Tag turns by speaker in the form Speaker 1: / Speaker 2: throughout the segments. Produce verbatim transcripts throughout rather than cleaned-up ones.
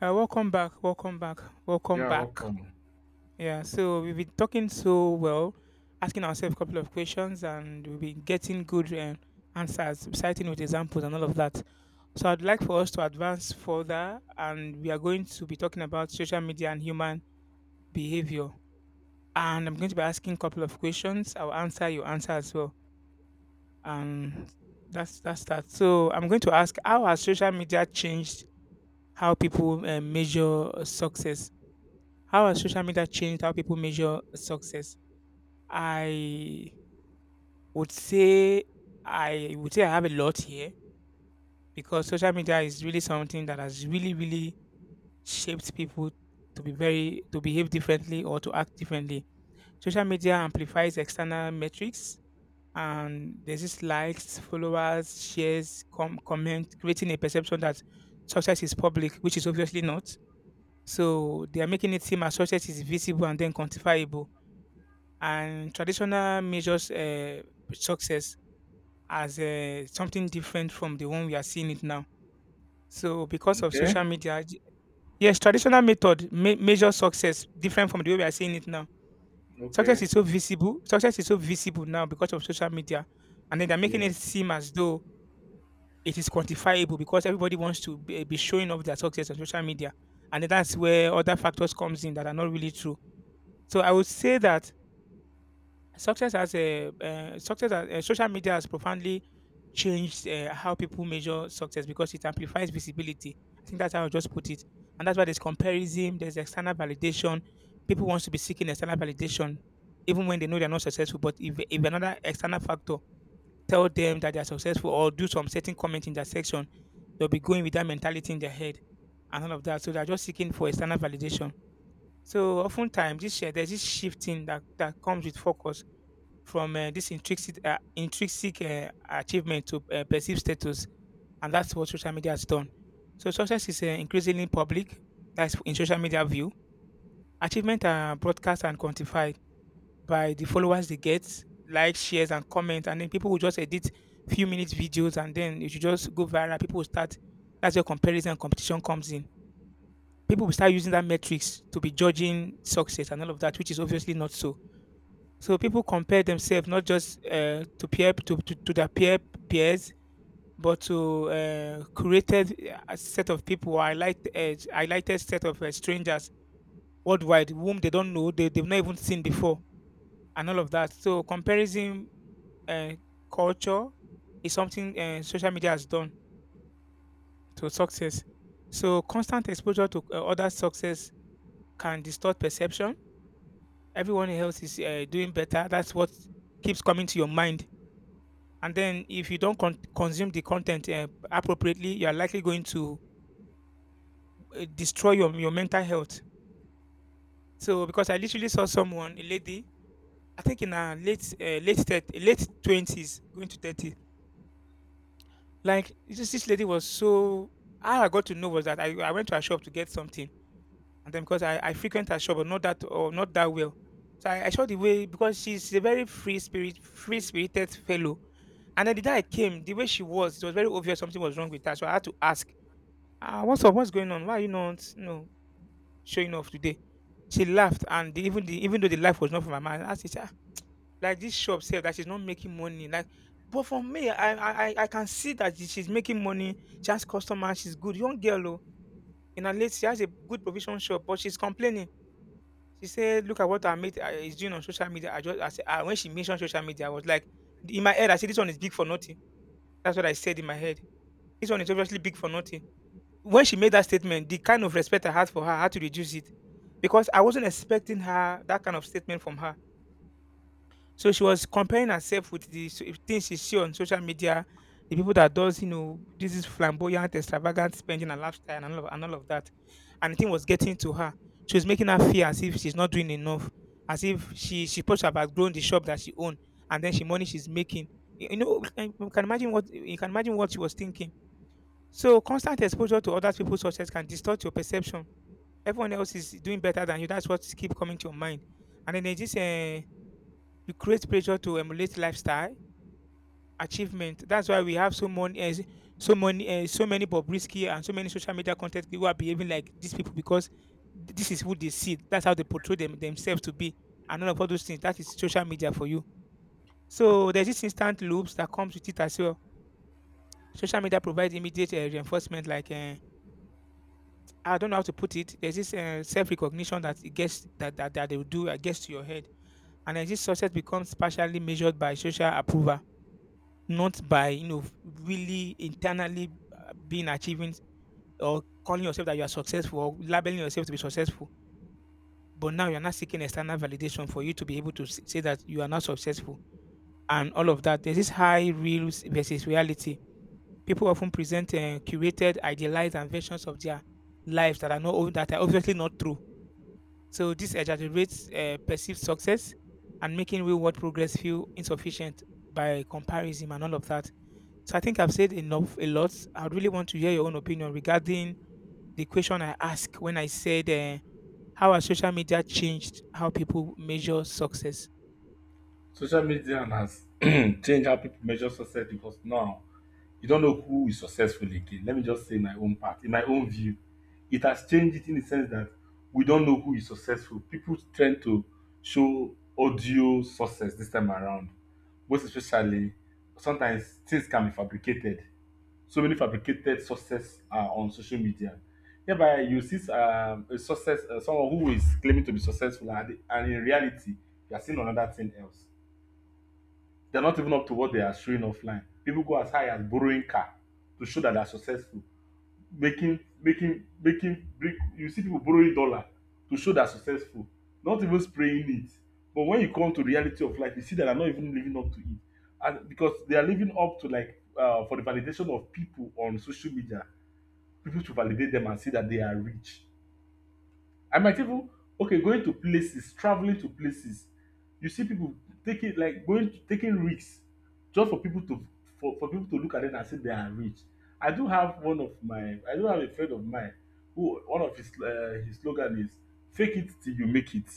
Speaker 1: Uh, welcome back, welcome back, welcome
Speaker 2: Yeah,
Speaker 1: back.
Speaker 2: welcome.
Speaker 1: Yeah, so we've been talking so well, asking ourselves a couple of questions, and we've been getting good um, answers, citing with examples and all of that. So I'd like for us to advance further, and we are going to be talking about social media and human behavior. And I'm going to be asking a couple of questions. I'll answer your answer as well. Um, that's that's that. So I'm going to ask, how has social media changed how people uh, measure success? How has social media changed how people measure success? I would say I would say I have a lot here because social media is really something that has really, really shaped people to be very to behave differently or to act differently. Social media amplifies external metrics, and there's this likes, followers, shares, com- comment, creating a perception that success is public, which is obviously not. So they are making it seem as success is visible and then quantifiable, and traditional measures uh, success as uh, something different from the one we are seeing it now. So because of
Speaker 2: Okay,
Speaker 1: social media, j- yes, traditional method me- measure success different from the way we are seeing it now. Success
Speaker 2: okay,
Speaker 1: is so visible. Success is so visible now because of social media, and then they're making
Speaker 2: yeah.
Speaker 1: it seem as though it is quantifiable because everybody wants to be, be showing off their success on social media, and then that's where other factors comes in that are not really true. So I would say that Success has a uh, success. Has, uh, social media has profoundly changed uh, how people measure success because it amplifies visibility. I think that's how I just put it, and that's why there's comparison. There's external validation. People wants to be seeking external validation, even when they know they're not successful. But if if another external factor tell them that they're successful or do some certain comment in that section, they'll be going with that mentality in their head and all of that. So they're just seeking for external validation. So oftentimes, this share there's this shifting that that comes with focus from uh, this intrinsic uh, intrinsic uh, achievement to uh, perceived status, and that's what social media has done. So success is uh, increasingly public. That's in social media view. Achievement are broadcast and quantified by the followers they get, likes, shares, and comments, and then people will just edit few minutes videos, and then it should just go viral. People will start. That's where comparison and competition comes in. People will start using that metrics to be judging success and all of that, which is obviously not so. So people compare themselves not just uh, to peer to, to, to their peer peers, but to uh, created a set of people or highlight uh, highlighted set of uh, strangers worldwide whom they don't know, they, they've not even seen before, and all of that. So comparison uh, culture is something uh, social media has done to success. So constant exposure to uh, other success can distort perception. Everyone else is uh, doing better. That's what keeps coming to your mind, and then if you don't con- consume the content uh, appropriately, you are likely going to uh, destroy your, your mental health. So because I literally saw someone, a lady, I think in her late uh, late thirt- late twenties going to thirty. Like this, this lady was so, how I got to know was that I, I went to her shop to get something, and then because i, I frequent her shop, but not that, or not that well. So I, I saw the way, because she's a very free spirit free spirited fellow, and then the day I came, the way she was, it was very obvious something was wrong with her. So I had to ask. Ah, what's up? What's going on? Why are you not, you know, showing off today? She laughed, and the, even the, even though the laugh was not from my man, I said, ah, like this shop said that she's not making money. Like, but for me, I I I I can see that she- she's making money. She has customers. She's good, young girl. Oh, in her late, she has a good provision shop, but she's complaining. She said, "Look at what her mate uh, is doing on social media." I just, I said, ah, when she mentioned social media, I was like, in my head, I said, "This one is big for nothing." That's what I said in my head. This one is obviously big for nothing. When she made that statement, the kind of respect I had for her, I had to reduce it, because I wasn't expecting her that kind of statement from her. So she was comparing herself with the s- things she see on social media, the people that does, you know, this is flamboyant, extravagant spending and lifestyle and all of, and all of that, and the thing was getting to her. She was making her feel as if she's not doing enough, as if she she supposed to have outgrown the shop that she owned, and then she money she's making. You you know, you can imagine what you can imagine what she was thinking. So constant exposure to other people's success can distort your perception. Everyone else is doing better than you. That's what keep coming to your mind. And then there's this, uh, you create pressure to emulate lifestyle achievement. That's why we have so many, uh, so many, uh, so many Bobrisky and so many social media content who are behaving like these people because th- this is who they see. That's how they portray them, themselves to be. And all of all those things. That is social media for you. So there's this instant loops that comes with it as well. Social media provides immediate uh, reinforcement, like. Uh, I don't know how to put it. There's this uh, self-recognition that it gets, that, that that they will do. It gets to your head, and as this success becomes partially measured by social approval, not by, you know, really internally uh, being achieving or calling yourself that you are successful or labeling yourself to be successful. But now you are not seeking external validation for you to be able to s- say that you are not successful and all of that. There's this high reels versus reality. People often present uh, curated, idealized, and versions of their lives that are not that are obviously not true. So this exaggerates uh, perceived success and making real-world progress feel insufficient by comparison and all of that. So I think I've said enough, a lot. I really want to hear your own opinion regarding the question I asked when I said, uh, "How has social media changed how people measure success?"
Speaker 2: Social media has changed how people measure success because now you don't know who is successful again. Let me just say my own part. In my own view, it has changed it in the sense that we don't know who is successful. People tend to show audio success this time around, most especially sometimes things can be fabricated. So many fabricated success are on social media. Hereby, you see um, a success, uh, someone who is claiming to be successful, and, and in reality, you are seeing another thing else. They're not even up to what they are showing offline. People go as high as borrowing car to show that they're successful. Making, making, making, brick. You see people borrowing dollar to show they're successful. Not even spraying it. But when you come to reality of life, you see that they're not even living up to it, and because they are living up to like uh, for the validation of people on social media, people to validate them and see that they are rich. I might even, okay, going to places, traveling to places. You see people taking, like, going to, taking risks just for people to, for, for people to look at them and say they are rich. I do have one of my I do have a friend of mine who one of his uh, his slogan is fake it till you make it.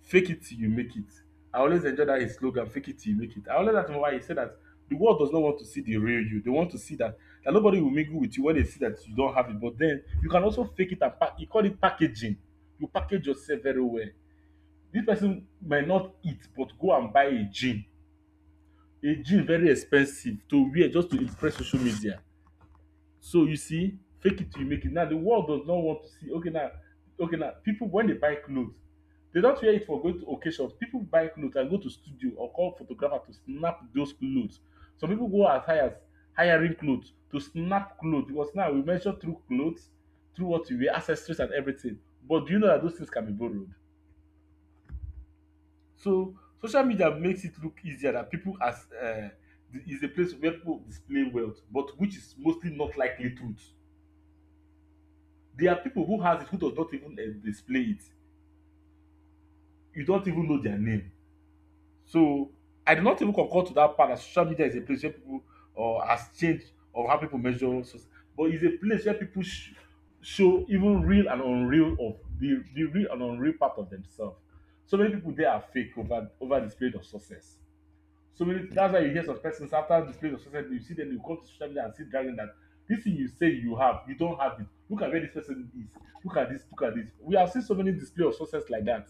Speaker 2: Fake it till you make it. I always enjoy that his slogan, fake it till you make it. I always ask him why he said that the world does not want to see the real you. They want to see that that nobody will mingle with you when they see that you don't have it. But then you can also fake it and pack. You call it packaging. You package yourself very well. This person might not eat, but go and buy a jean. A jean very expensive to wear just to impress social media. So you see, fake it till you make it. Now the world does not want to see. Okay now, okay now, people, when they buy clothes, they don't wear it for going to occasions. People buy clothes and go to studio or call photographer to snap those clothes. Some people go as high as hiring clothes to snap clothes, because now we measure through clothes, through what you wear, accessories and everything. But do you know that those things can be borrowed? So social media makes it look easier, that people, as uh, the- is a place where people display wealth, but which is mostly not likely truth. There are people who has it who does not even uh, display it. You don't even know their name. So I do not even concur to that part that social media is a place where people or uh, has changed or how people measure success, but it's a place where people sh- show even real and unreal of the the real and unreal part of themselves. So many people there are fake over over the spirit of success. So many, that's why you hear some persons after display of success, you see them, you come to social media and see dragging that this thing you say you have, you don't have it. Look at where this person is. Look at this, look at this. We have seen so many display of success like that.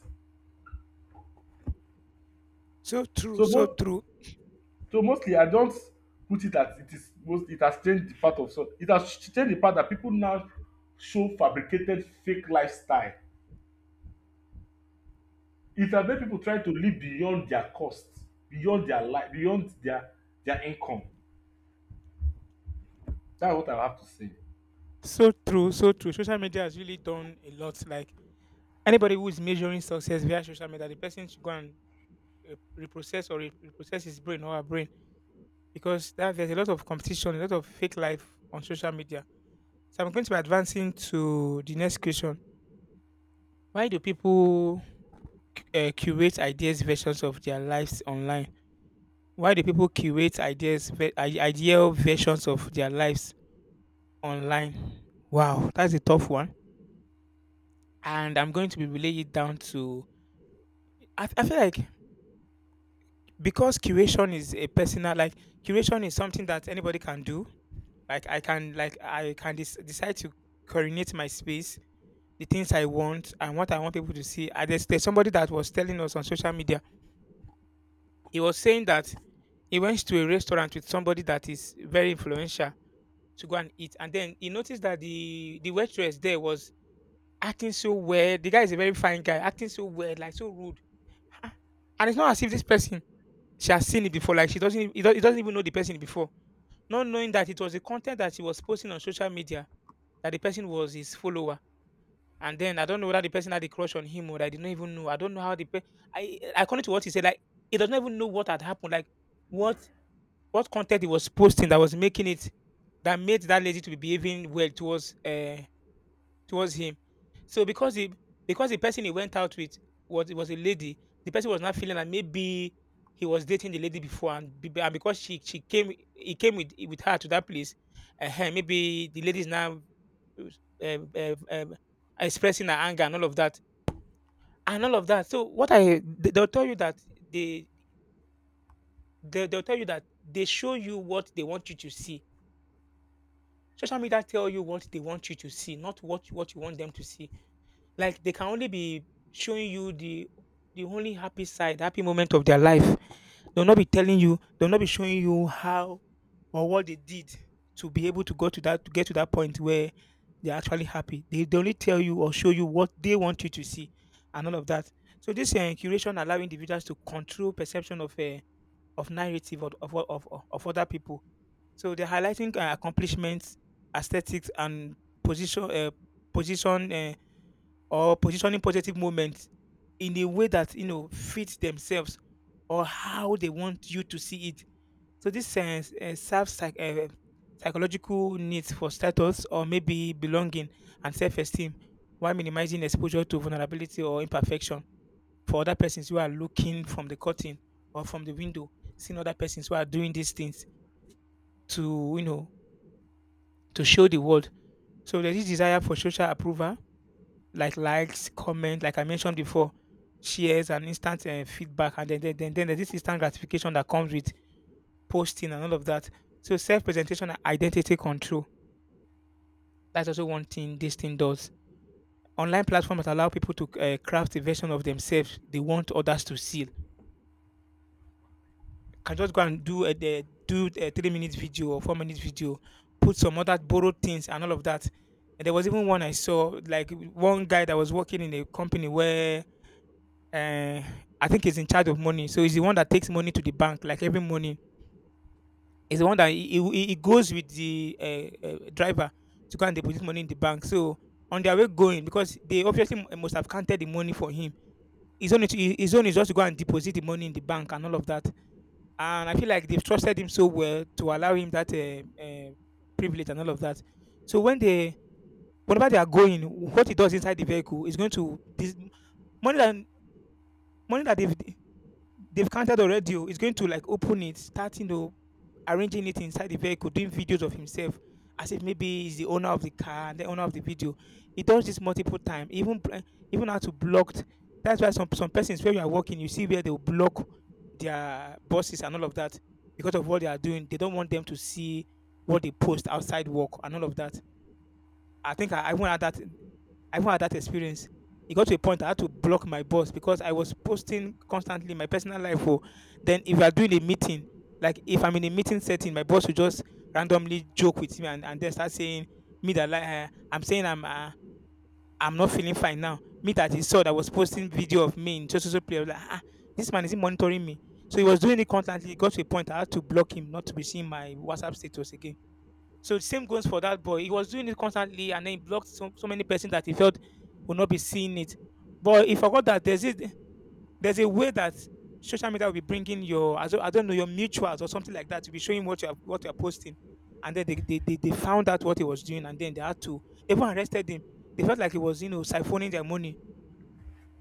Speaker 1: So true,
Speaker 2: So
Speaker 1: so
Speaker 2: most
Speaker 1: true.
Speaker 2: so mostly I don't put it at it is most it has changed the part of, so it has changed the part that people now show fabricated fake lifestyle. It has made people try to live beyond their costs, beyond their life, beyond their their income. That's what I have to say.
Speaker 1: So true, so true. Social media has really done a lot. Like anybody who is measuring success via social media, the person should go and uh, reprocess or re- reprocess his brain or her brain, because that, there's a lot of competition, a lot of fake life on social media. So I'm going to be advancing to the next question. Why do people uh, curate ideas versions of their lives online? Why do people curate ideas, ve- i- ideal versions of their lives online? Wow, that's a tough one. And I'm going to be relaying it down to. I I feel like, because curation is a personal, like curation is something that anybody can do. Like i can like I can dis- decide to coordinate my space, the things I want and what I want people to see. And there's, there's somebody that was telling us on social media, he was saying that he went to a restaurant with somebody that is very influential to go and eat, and then he noticed that the the waitress there was acting so weird. The guy is a very fine guy, acting so weird, like so rude. Ah, and it's not as if this person, she has seen it before, like she doesn't it doesn't doesn't even know the person before. Not knowing that it was the content that he was posting on social media, that the person was his follower. And then I don't know whether the person had a crush on him or, I did not even know. I don't know how the pe- I according to what he said, like he does not even know what had happened, like what what content he was posting that was making it, that made that lady to be behaving well towards uh towards him. So because he because the person he went out with was was a lady, the person was not feeling that maybe he was dating the lady before, and, be- and because she she came he came with with her to that place, uh, maybe the lady is now uh, uh, um, expressing her anger and all of that and all of that. So what I they- they'll tell you that they, they they'll tell you that they show you what they want you to see. Social media tell you what they want you to see, not what what you want them to see. Like they can only be showing you the the only happy side, happy moment of their life. They'll not be telling you, they'll not be showing you how or what they did to be able to go to that to get to that point where they're actually happy. They, they only tell you or show you what they want you to see and all of that. So this uh, curation allow individuals to control perception of uh, of narrative of, of, of, of of other people. So they're highlighting uh, accomplishments, aesthetics, and position uh, position uh, or positioning positive moments in a way that you know fits themselves or how they want you to see it. So this sense uh, serves psych- uh, psychological needs for status or maybe belonging and self-esteem, while minimizing exposure to vulnerability or imperfection for other persons who are looking from the curtain or from the window, seeing other persons who are doing these things to you know to show the world. So there is desire for social approval like likes, comment, like I mentioned before, shares and instant uh, feedback, and then, then then then there's this instant gratification that comes with posting and all of that. So self-presentation and identity control. That's also one thing this thing does. Online platforms allow people to uh, craft a version of themselves they want others to see. Can just go and do a the- do a three minute video or four minute video, put some other borrowed things and all of that. And there was even one I saw, like one guy that was working in a company where uh, I think he's in charge of money. So he's the one that takes money to the bank, like every morning. He's the one that he, he, he goes with the uh, uh, driver to go and deposit money in the bank. So on their way going, because they obviously mu- must have counted the money for him. His own, is- his own is just to go and deposit the money in the bank and all of that. And I feel like they've trusted him so well to allow him that uh, uh, privilege and all of that. So when they, whenever they are going, what he does inside the vehicle is going to this money that money that they've they've counted already. Oh, he's going to like open it, starting to arranging it inside the vehicle, doing videos of himself as if maybe he's the owner of the car and the owner of the video. He does this multiple time, even bl- even how to blocked. That's why some some persons where you are working, you see where they will block their bosses and all of that because of what they are doing. They don't want them to see what they post outside work and all of that. I think I, I even had that I even had that experience. It got to a point I had to block my boss because I was posting constantly my personal life. Oh, then if we are doing a meeting, like if I'm in a meeting setting, my boss will just randomly joke with me and, and then start saying me that like uh, I'm saying I'm uh, I'm not feeling fine now. Me that he saw that was posting video of me in just social player like ah, this man is he monitoring me. So he was doing it constantly. It got to a point I had to block him not to be seeing my WhatsApp status again. So the same goes for that boy. He was doing it constantly, and then he blocked so, so many persons that he felt would not be seeing it. But he forgot that there's this, there's a way that social media will be bringing your I don't I don't know your mutuals or something like that to be showing what you're what you're posting, and then they, they, they, they found out what he was doing, and then they had to they even arrested him. They felt like he was you know siphoning their money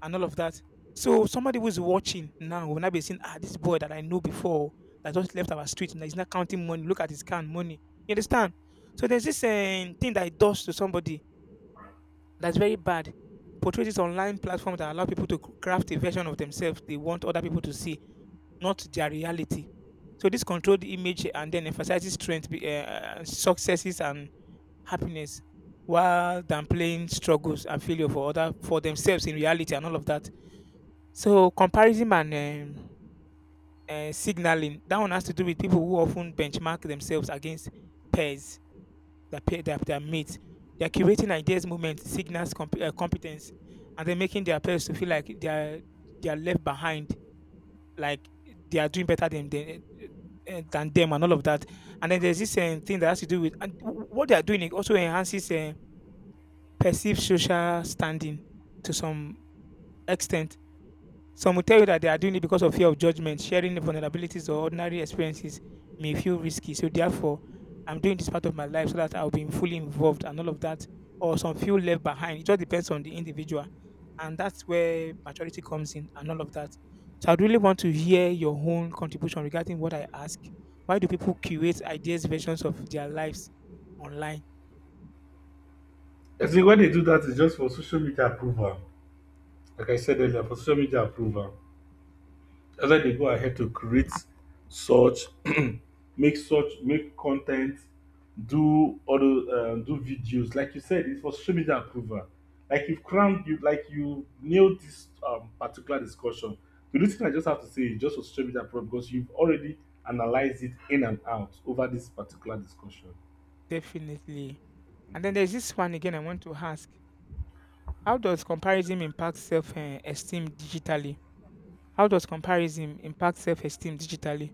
Speaker 1: and all of that. So somebody who's watching now will not be saying, ah, this boy that I know before that just left our street and he's not counting money. Look at his can money. You understand? So there's this um, thing that it does to somebody that's very bad. Portray this online platform that allow people to c- craft a version of themselves they want other people to see, not their reality. So this controlled image and then emphasizes strength, be- uh, successes, and happiness, while downplaying struggles and failure for other for themselves in reality and all of that. So comparison and um, uh, signaling that one has to do with people who often benchmark themselves against peers, their peer, their, their mates. They're curating ideas, movements, signals, comp- uh, competence, and then making their peers to feel like they're they're left behind, like they are doing better than than, uh, than them, and all of that. And then there's this um, thing that has to do with and w- what they are doing. It also enhances uh, perceived social standing to some extent. Some will tell you that they are doing it because of fear of judgment, sharing the vulnerabilities or ordinary experiences may feel risky. So therefore, I'm doing this part of my life so that I'll be fully involved and all of that. Or some feel left behind. It just depends on the individual. And that's where maturity comes in and all of that. So I'd really want to hear your own contribution regarding what I ask. Why do people curate ideas versions of their lives online?
Speaker 2: I think when they do that, it's just for social media approval. Like I said earlier, for social media approval, whether they go ahead to create such, make such, make content, do other, um, do videos. Like you said, it's for social media approval. Like you've crammed, you like you nailed this um, particular discussion. The only thing I just have to say is just for social media approval, because you've already analyzed it in and out over this particular discussion.
Speaker 1: Definitely. And then there's this one again I want to ask. How does comparison impact self um esteem digitally? How does comparison impact self esteem digitally?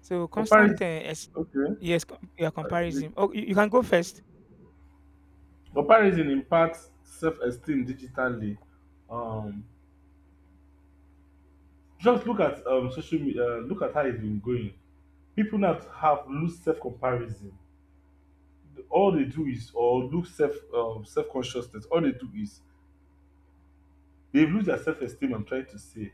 Speaker 1: So constant, uh,
Speaker 2: Comparison,
Speaker 1: es-
Speaker 2: okay.
Speaker 1: yes, com- yeah,
Speaker 2: I- the-
Speaker 1: comparison. Oh, you, you can go first.
Speaker 2: Comparison impacts self-esteem digitally. Um, Just look at um, social media, uh, look at how it's been going. People now have loose self comparison. All they do is, or look self, um, self consciousness, all they do is, they've lost their self esteem, I'm trying to say.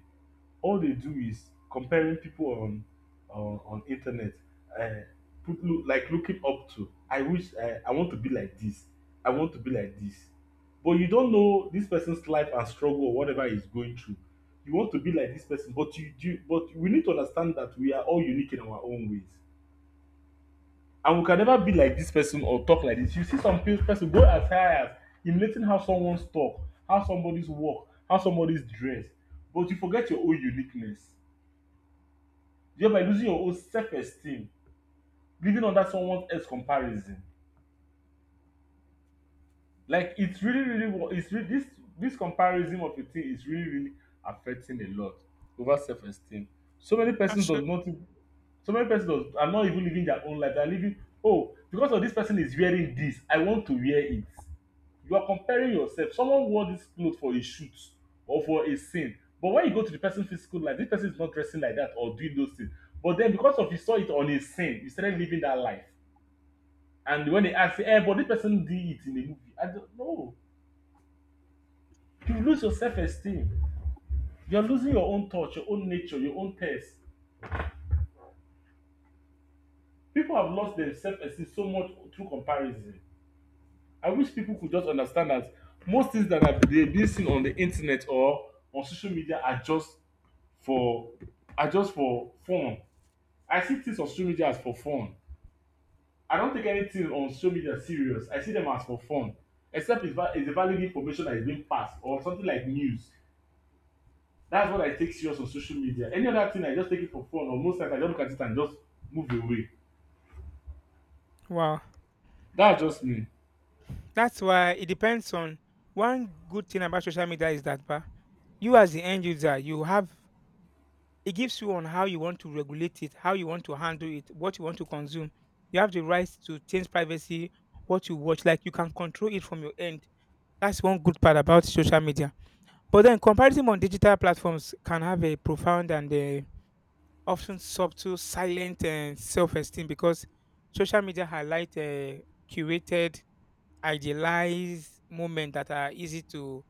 Speaker 2: All they do is comparing people on on, on internet, uh, put, look, like looking up to, I wish, I, I want to be like this. I want to be like this, but you don't know this person's life and struggle or whatever he's going through. You want to be like this person, but you do, but we need to understand that we are all unique in our own ways, and we can never be like this person or talk like this. You see some pe- person go as high as emulating how someone's talk, how somebody's walk, how somebody's dress, but you forget your own uniqueness, thereby losing your own self-esteem, living under someone else comparison. Like, it's really, really, wa- it's really this, this comparison of a thing is really, really affecting a lot over self-esteem. So many persons
Speaker 1: That's
Speaker 2: does
Speaker 1: it.
Speaker 2: not, so many persons does, are not even living their own life. They are living, oh, because of this person is wearing this, I want to wear it. You are comparing yourself. Someone wore this cloth for a shoot or for a scene, but when you go to the person's physical life, this person is not dressing like that or doing those things. But then because of you saw it on a scene, you started living that life. And when they ask, hey, but this person did it in the movie, I don't know. You lose your self esteem. You're losing your own touch, your own nature, your own taste. People have lost their self esteem so much through comparison. I wish people could just understand that most things that are they being seen on the internet or on social media are just for, are just for fun. I see things on social media as for fun. I don't take anything on social media serious. I see them as for fun, except it's, va- it's a valid information that is being passed or something like news. That's what I take serious on social media. Any other thing, I just take it for fun, or most times I just look at it and just move away.
Speaker 1: Wow,
Speaker 2: That's just me.
Speaker 1: that's why it depends on. One good thing about social media is that, bah, you as the end user, you have it gives you on how you want to regulate it, how you want to handle it, what you want to consume. You have the right to change privacy, what you watch. Like you can control it from your end. That's one good part about social media. But then comparison on digital platforms can have a profound and uh, often subtle, silent uh, self-esteem because social media highlight uh, curated, idealized moments that are easy to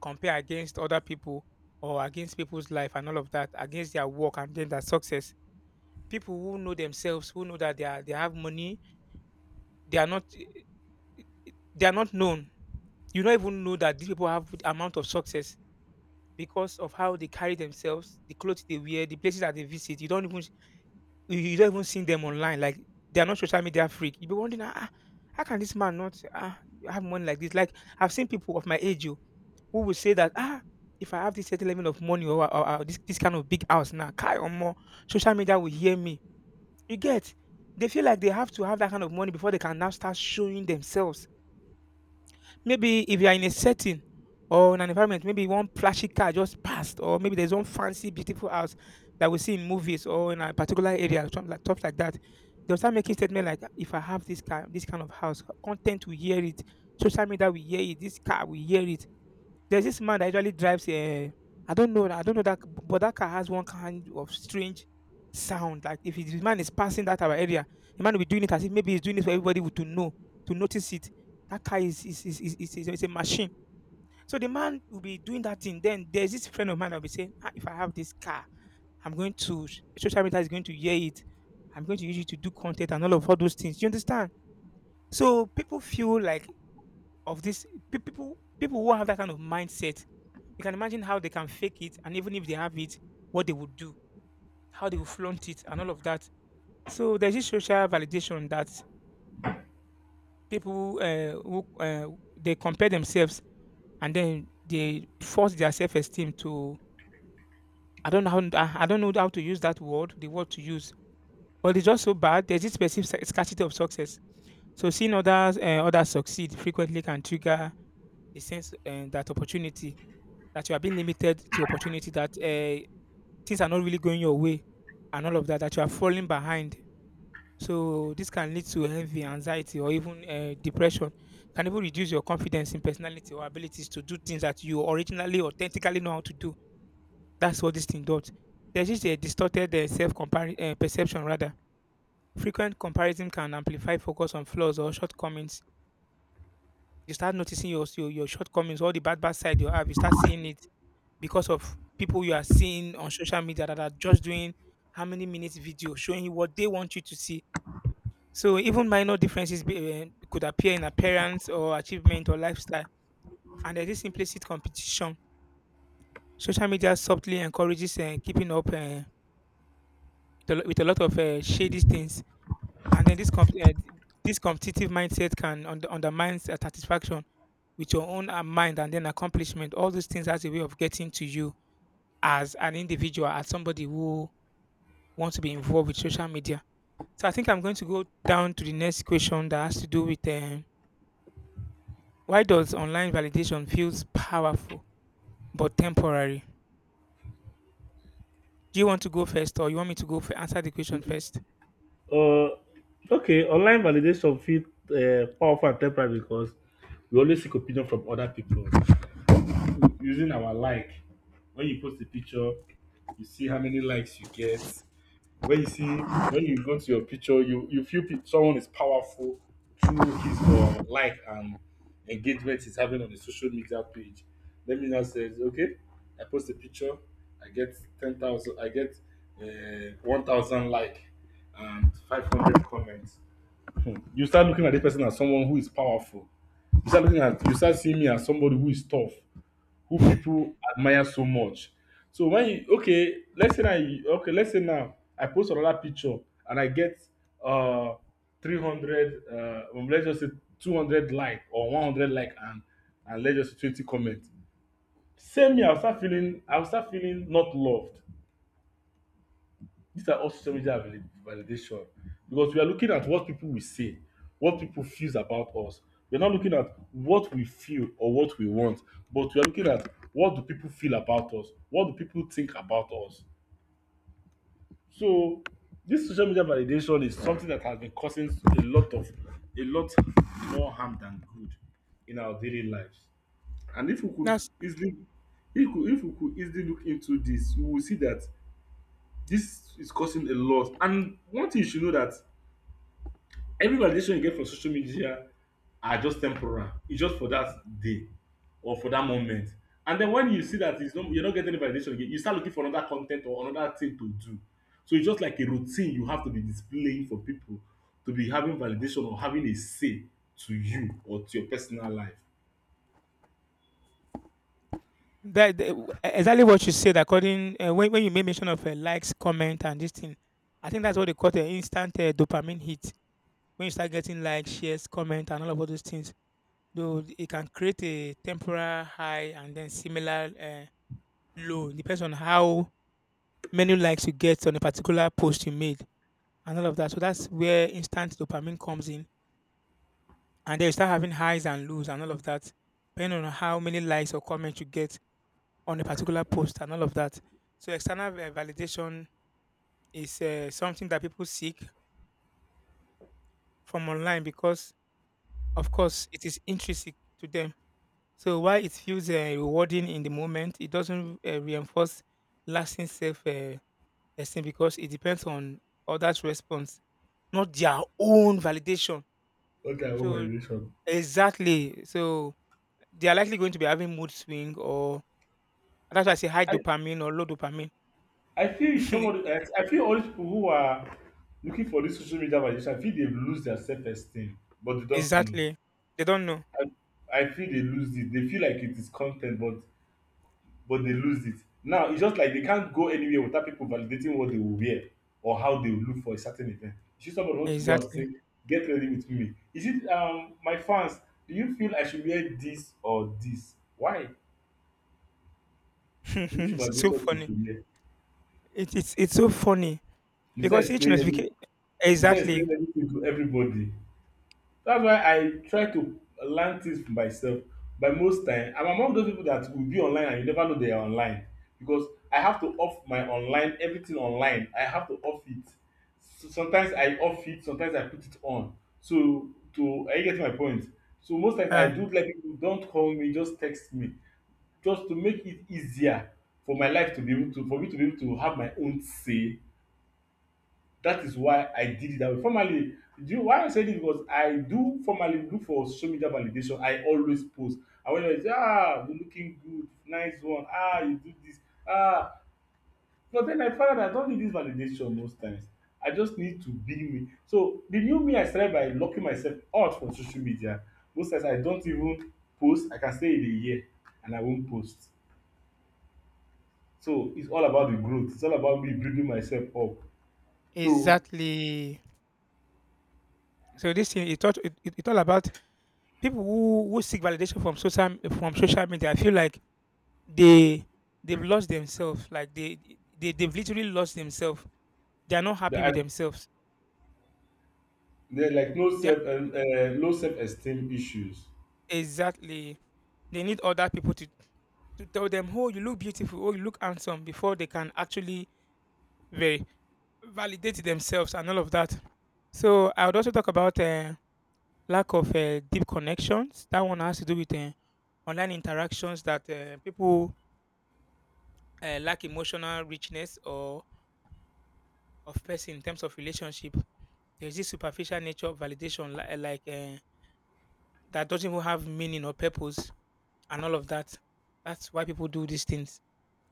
Speaker 1: compare against other people or against people's life and all of that, against their work and then their success. People who know themselves, who know that they are they have money, they are not they are not known. You don't even know that these people have amount of success because of how they carry themselves, the clothes they wear, the places that they visit. You don't even you you don't even see them online. Like they are not social media freak. You be wondering, ah, ah, how can this man not ah, have money like this? Like I've seen people of my age oh, who will say that ah, if I have this certain level of money or, or, or this this kind of big house now, carry on more social media will hear me. You get? They feel like they have to have that kind of money before they can now start showing themselves. Maybe if you are in a setting or in an environment, maybe one flashy car just passed, or maybe there's one fancy, beautiful house that we see in movies or in a particular area, stuff like, stuff like that. They'll start making statement like, if I have this car, this kind of house, content we hear it, social media we hear it, this car we hear it. There's this man that usually drives a I don't know, I don't know that, but that car has one kind of strange sound. Like if his man is passing that our area, the man will be doing it as if maybe he's doing it for everybody to know, to notice it. That car is is is, is, is, is, is a machine. So the man will be doing that thing. Then there's this friend of mine that will be saying, ah, if I have this car, I'm going to social media is going to hear it. I'm going to use it to do content and all of all those things. You understand? So people feel like of this pe- people people who have that kind of mindset, you can imagine how they can fake it, and even if they have it, what they would do, how they will flaunt it, and all of that. So there's this social validation that people uh, who uh, they compare themselves and then they force their self-esteem to... I don't know how I I don't know how to use that word, the word to use, but it's just so bad. There's this specific sc- scarcity of success. So seeing others uh, others succeed frequently can trigger the sense uh, that opportunity, that you are being limited to opportunity, that uh, things are not really going your way and all of that, that you are falling behind. So this can lead to heavy anxiety or even uh, depression. Can even reduce your confidence in personality or abilities to do things that you originally, authentically know how to do. That's what this thing does. There's just a distorted uh, self uh, perception rather. Frequent comparison can amplify focus on flaws or shortcomings. You start noticing your, your your shortcomings, all the bad bad side you have. You start seeing it because of people you are seeing on social media that are just doing how many minutes video showing you what they want you to see. So even minor differences be, uh, could appear in appearance or achievement or lifestyle. And there's this implicit competition. Social media subtly encourages uh, keeping up uh, with, a, lo- with a lot of uh, shady things. And then this comp- uh, this competitive mindset can under- undermine uh, satisfaction with your own uh, mind and then accomplishment. All those things as a way of getting to you as an individual, as somebody who want to be involved with social media. So I think I'm going to go down to the next question that has to do with um, why does online validation feels powerful but temporary? Do you want to go first, or you want me to go f- answer the question first?
Speaker 2: Uh, okay, online validation feel uh, powerful and temporary because we always seek opinion from other people using our like. When you post a picture, you see how many likes you get, where you see when you go to your picture, you you feel pe- someone is powerful through his uh, like and engagement he's having on the social media page. Let me now says, okay, I post a picture, I get ten thousand, I get uh, one thousand like and five hundred comments. Hmm. You start looking at the person as someone who is powerful. You start looking at, you start seeing me as somebody who is tough, who people admire so much. So when you, okay, let's say now you, okay, let's say now I post another picture and I get uh three hundred uh um, let's just say two hundred like or one hundred like and and let's just say twenty comment. Same me, I'll start feeling I'll start feeling not loved. These are all social media valid- validation, because we are looking at what people will say, what people feels about us. We're not looking at what we feel or what we want, but we are looking at what do people feel about us, what do people think about us. So this social media validation is something that has been causing a lot of, a lot more harm than good in our daily lives. And if we could
Speaker 1: That's
Speaker 2: easily, if we, if we could easily look into this, we will see that this is causing a lot, and one thing you should know, that every validation you get from social media are just temporal. It's just for that day or for that moment. And then when you see that it's not, you're not getting any validation again, you start looking for another content or another thing to do. So it's just like a routine you have to be displaying for people to be having validation or having a say to you or to your personal life.
Speaker 1: that, that- exactly what you said. According uh, When when you made mention of uh, likes, comment, and this thing, I think that's what they call the instant uh, dopamine hit. When you start getting likes, shares, comment, and all of all those things, though it can create a temporary high and then similar uh, low. Depends on how many likes you get on a particular post you made and all of that. So that's where instant dopamine comes in. And then you start having highs and lows and all of that, depending on how many likes or comments you get on a particular post and all of that. So external va- validation is uh, something that people seek from online because, of course, it is intrinsic to them. So while it feels uh, rewarding in the moment, it doesn't uh, reinforce lasting self uh, person, because it depends on others' response, not their own validation.
Speaker 2: What kind of
Speaker 1: So
Speaker 2: validation?
Speaker 1: exactly. So they are likely going to be having mood swing, or that's why I say high
Speaker 2: I
Speaker 1: dopamine or low dopamine.
Speaker 2: I feel some of the, I I feel all these people who are looking for this social media validation, I feel they lose their self esteem, but they don't know.
Speaker 1: Exactly. They don't know.
Speaker 2: I, I feel they lose it. They feel like it is content, but but they lose it. Now it's just like they can't go anywhere without people validating what they will wear or how they will look for a certain event. You see somebody wants to go out and say,
Speaker 1: Exactly.
Speaker 2: "Get ready with me." Is it um my fans? Do you feel I should wear this or this? Why? People should
Speaker 1: It's
Speaker 2: validate
Speaker 1: so
Speaker 2: what you
Speaker 1: funny.
Speaker 2: should wear.
Speaker 1: It, it's it's so funny
Speaker 2: You start
Speaker 1: because each
Speaker 2: explaining. every-
Speaker 1: notification.
Speaker 2: You start
Speaker 1: Exactly.
Speaker 2: explaining everything to everybody. That's why I try to learn things for myself. By most time, I'm among those people that will be online and you never know they are online, because I have to off my online, everything online. I have to off it. So sometimes I off it, sometimes I put it on. So to I get my point. So most times I
Speaker 1: Yeah.
Speaker 2: do let people don't call me, just text me, just to make it easier for my life to be able to, for me to be able to have my own say. That is why I did it that way. Formerly, do you why I said it, because I do formerly look for social media validation. I always post. And when I say, ah, you're looking good, nice one, ah, you do this, ah. But then I found out I don't need this validation most times. I just need to be me. So the new me, I started by locking myself out from social media. Most times I don't even post. I can stay in a year and I won't post. So it's all about the growth. It's all about me building myself up. So
Speaker 1: Exactly. So this thing, it, all- it, it, it's all about people who, who seek validation from social from social media. I feel like they, they've lost themselves, like they they they've literally lost themselves, they're not happy
Speaker 2: the,
Speaker 1: with themselves,
Speaker 2: they're like no
Speaker 1: they're...
Speaker 2: self, um, uh, low self esteem issues.
Speaker 1: exactly, they need other people to to tell them, oh, you look beautiful, oh, you look handsome, before they can actually... very... validate themselves and all of that. So I would also talk about uh, lack of uh, deep connections that one has to do with uh, online interactions, that uh, people uh, lack emotional richness or of person in terms of relationship. There's this superficial nature of validation, li- like uh, that doesn't even have meaning or purpose, and all of that. That's why people do these things.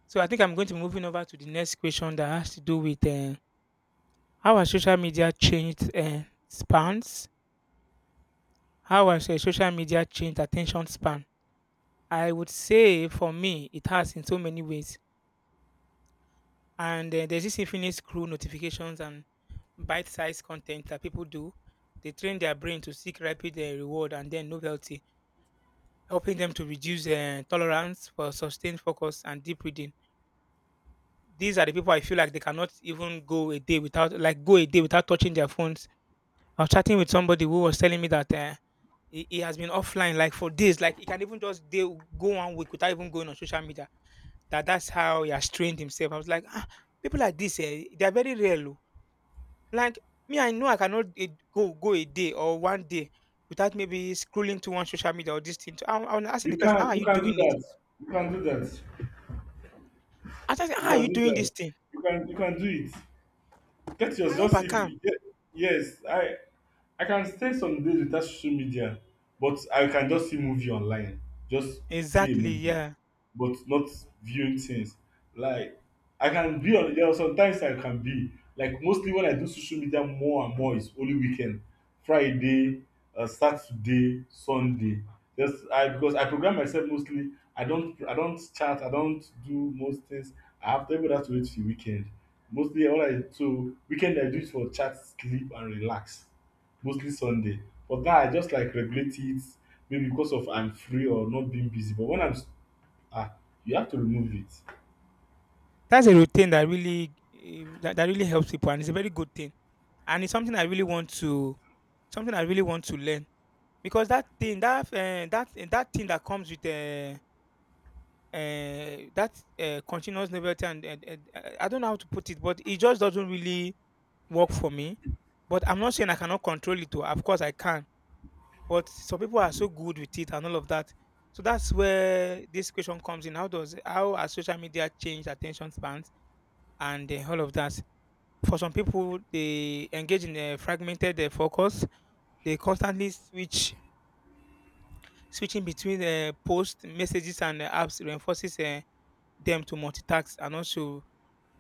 Speaker 1: So I think I'm going to be moving over to the next question that has to do with uh, how has social media changed uh, spans? How has uh, social media changed attention span? I would say for me, it has in so many ways. And uh, there's this infinite screw notifications and bite-sized content that people do. They train their brain to seek rapid uh, reward and then novelty, helping them to reduce uh, tolerance for sustained focus and deep reading. These are the people I feel like they cannot even go a day without, like, go a day without touching their phones. I was chatting with somebody who was telling me that uh, he, he has been offline like for days. Like he can even just day, go one week without even going on social media. That that's how he has trained himself. I was like, ah, people like this, eh, they are very real. Oh." Like me, I know I cannot eh, go go a day or one day without maybe scrolling to one social media or this thing. So I'm, I'm asking
Speaker 2: You
Speaker 1: the person, how
Speaker 2: can
Speaker 1: are
Speaker 2: you
Speaker 1: you
Speaker 2: can do
Speaker 1: doing it?
Speaker 2: that. You can do that.
Speaker 1: I just say,
Speaker 2: You
Speaker 1: "How are
Speaker 2: can
Speaker 1: you
Speaker 2: do
Speaker 1: doing this
Speaker 2: that.
Speaker 1: thing?
Speaker 2: You can you can do it. Get yours
Speaker 1: I hope
Speaker 2: just
Speaker 1: I
Speaker 2: if
Speaker 1: can."
Speaker 2: you get, yes. I I can stay some days without social media, but I can just see movie online. Just see a
Speaker 1: Exactly,
Speaker 2: movie,
Speaker 1: yeah.
Speaker 2: but not viewing things. Like, I can be on, there are sometimes I can be, like, mostly when I do social media more and more is only weekend, Friday, uh, Saturday, Sunday. Just I, because I program myself mostly. I don't I don't chat. I don't do most things. I have to able to wait for weekend. Mostly all I, so weekend I do it for chat, sleep and relax. Mostly Sunday. But now I just like regulate it maybe because of I'm free or not being busy. But when I'm, ah, you have to remove it.
Speaker 1: That's a routine that really eh, that, that really helps people and it's a very good thing. And it's something I really want to, something I really want to learn, because that thing that uh, that eh, that thing that comes with uh, uh, that uh, continuous novelty and, and, and uh, I don't know how to put it, but it just doesn't really work for me. But I'm not saying I cannot control it. Too. Of course, I can. But some people are so good with it and all of that. So that's where this question comes in. How does how has social media changed attention spans and uh, all of that? For some people, they engage in a fragmented uh, focus. They constantly switch switching between uh, posts, messages, and uh, apps reinforces uh, them to multitask, and also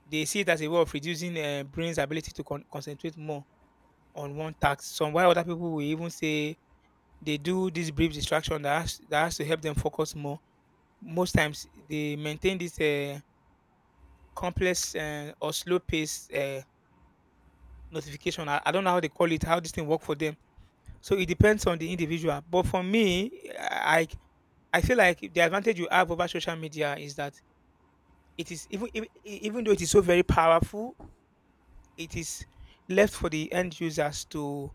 Speaker 1: they see it as a way of reducing uh, brain's ability to con- concentrate more on one task. Some, while other people will even say they do this brief distraction that has, that has to help them focus more, most times they maintain this uh, complex uh, or slow pace uh, notification. I, I don't know how they call it, how this thing work for them. So it depends on the individual. But for me, I... I feel like the advantage you have over social media is that it is even even even though it is so very powerful, it is left for the end users to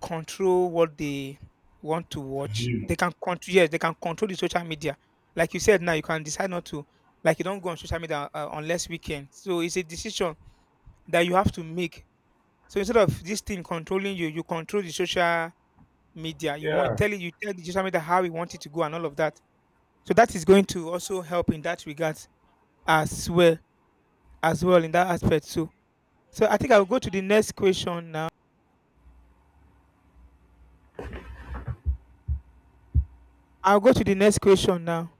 Speaker 1: control what they want to watch.
Speaker 2: View.
Speaker 1: They can control, yes, they can control the social media. Like you said now, you can decide not to, like you don't go on social media uh, unless weekend. So it's a decision that you have to make. So instead of this thing controlling you, you control the social media. You want
Speaker 2: Yeah.
Speaker 1: tell it, you tell the social media how you want it to go and all of that. So that is going to also help in that regard as well, as well in that aspect too. So I think I'll go to the next question now. I'll go to the next question now.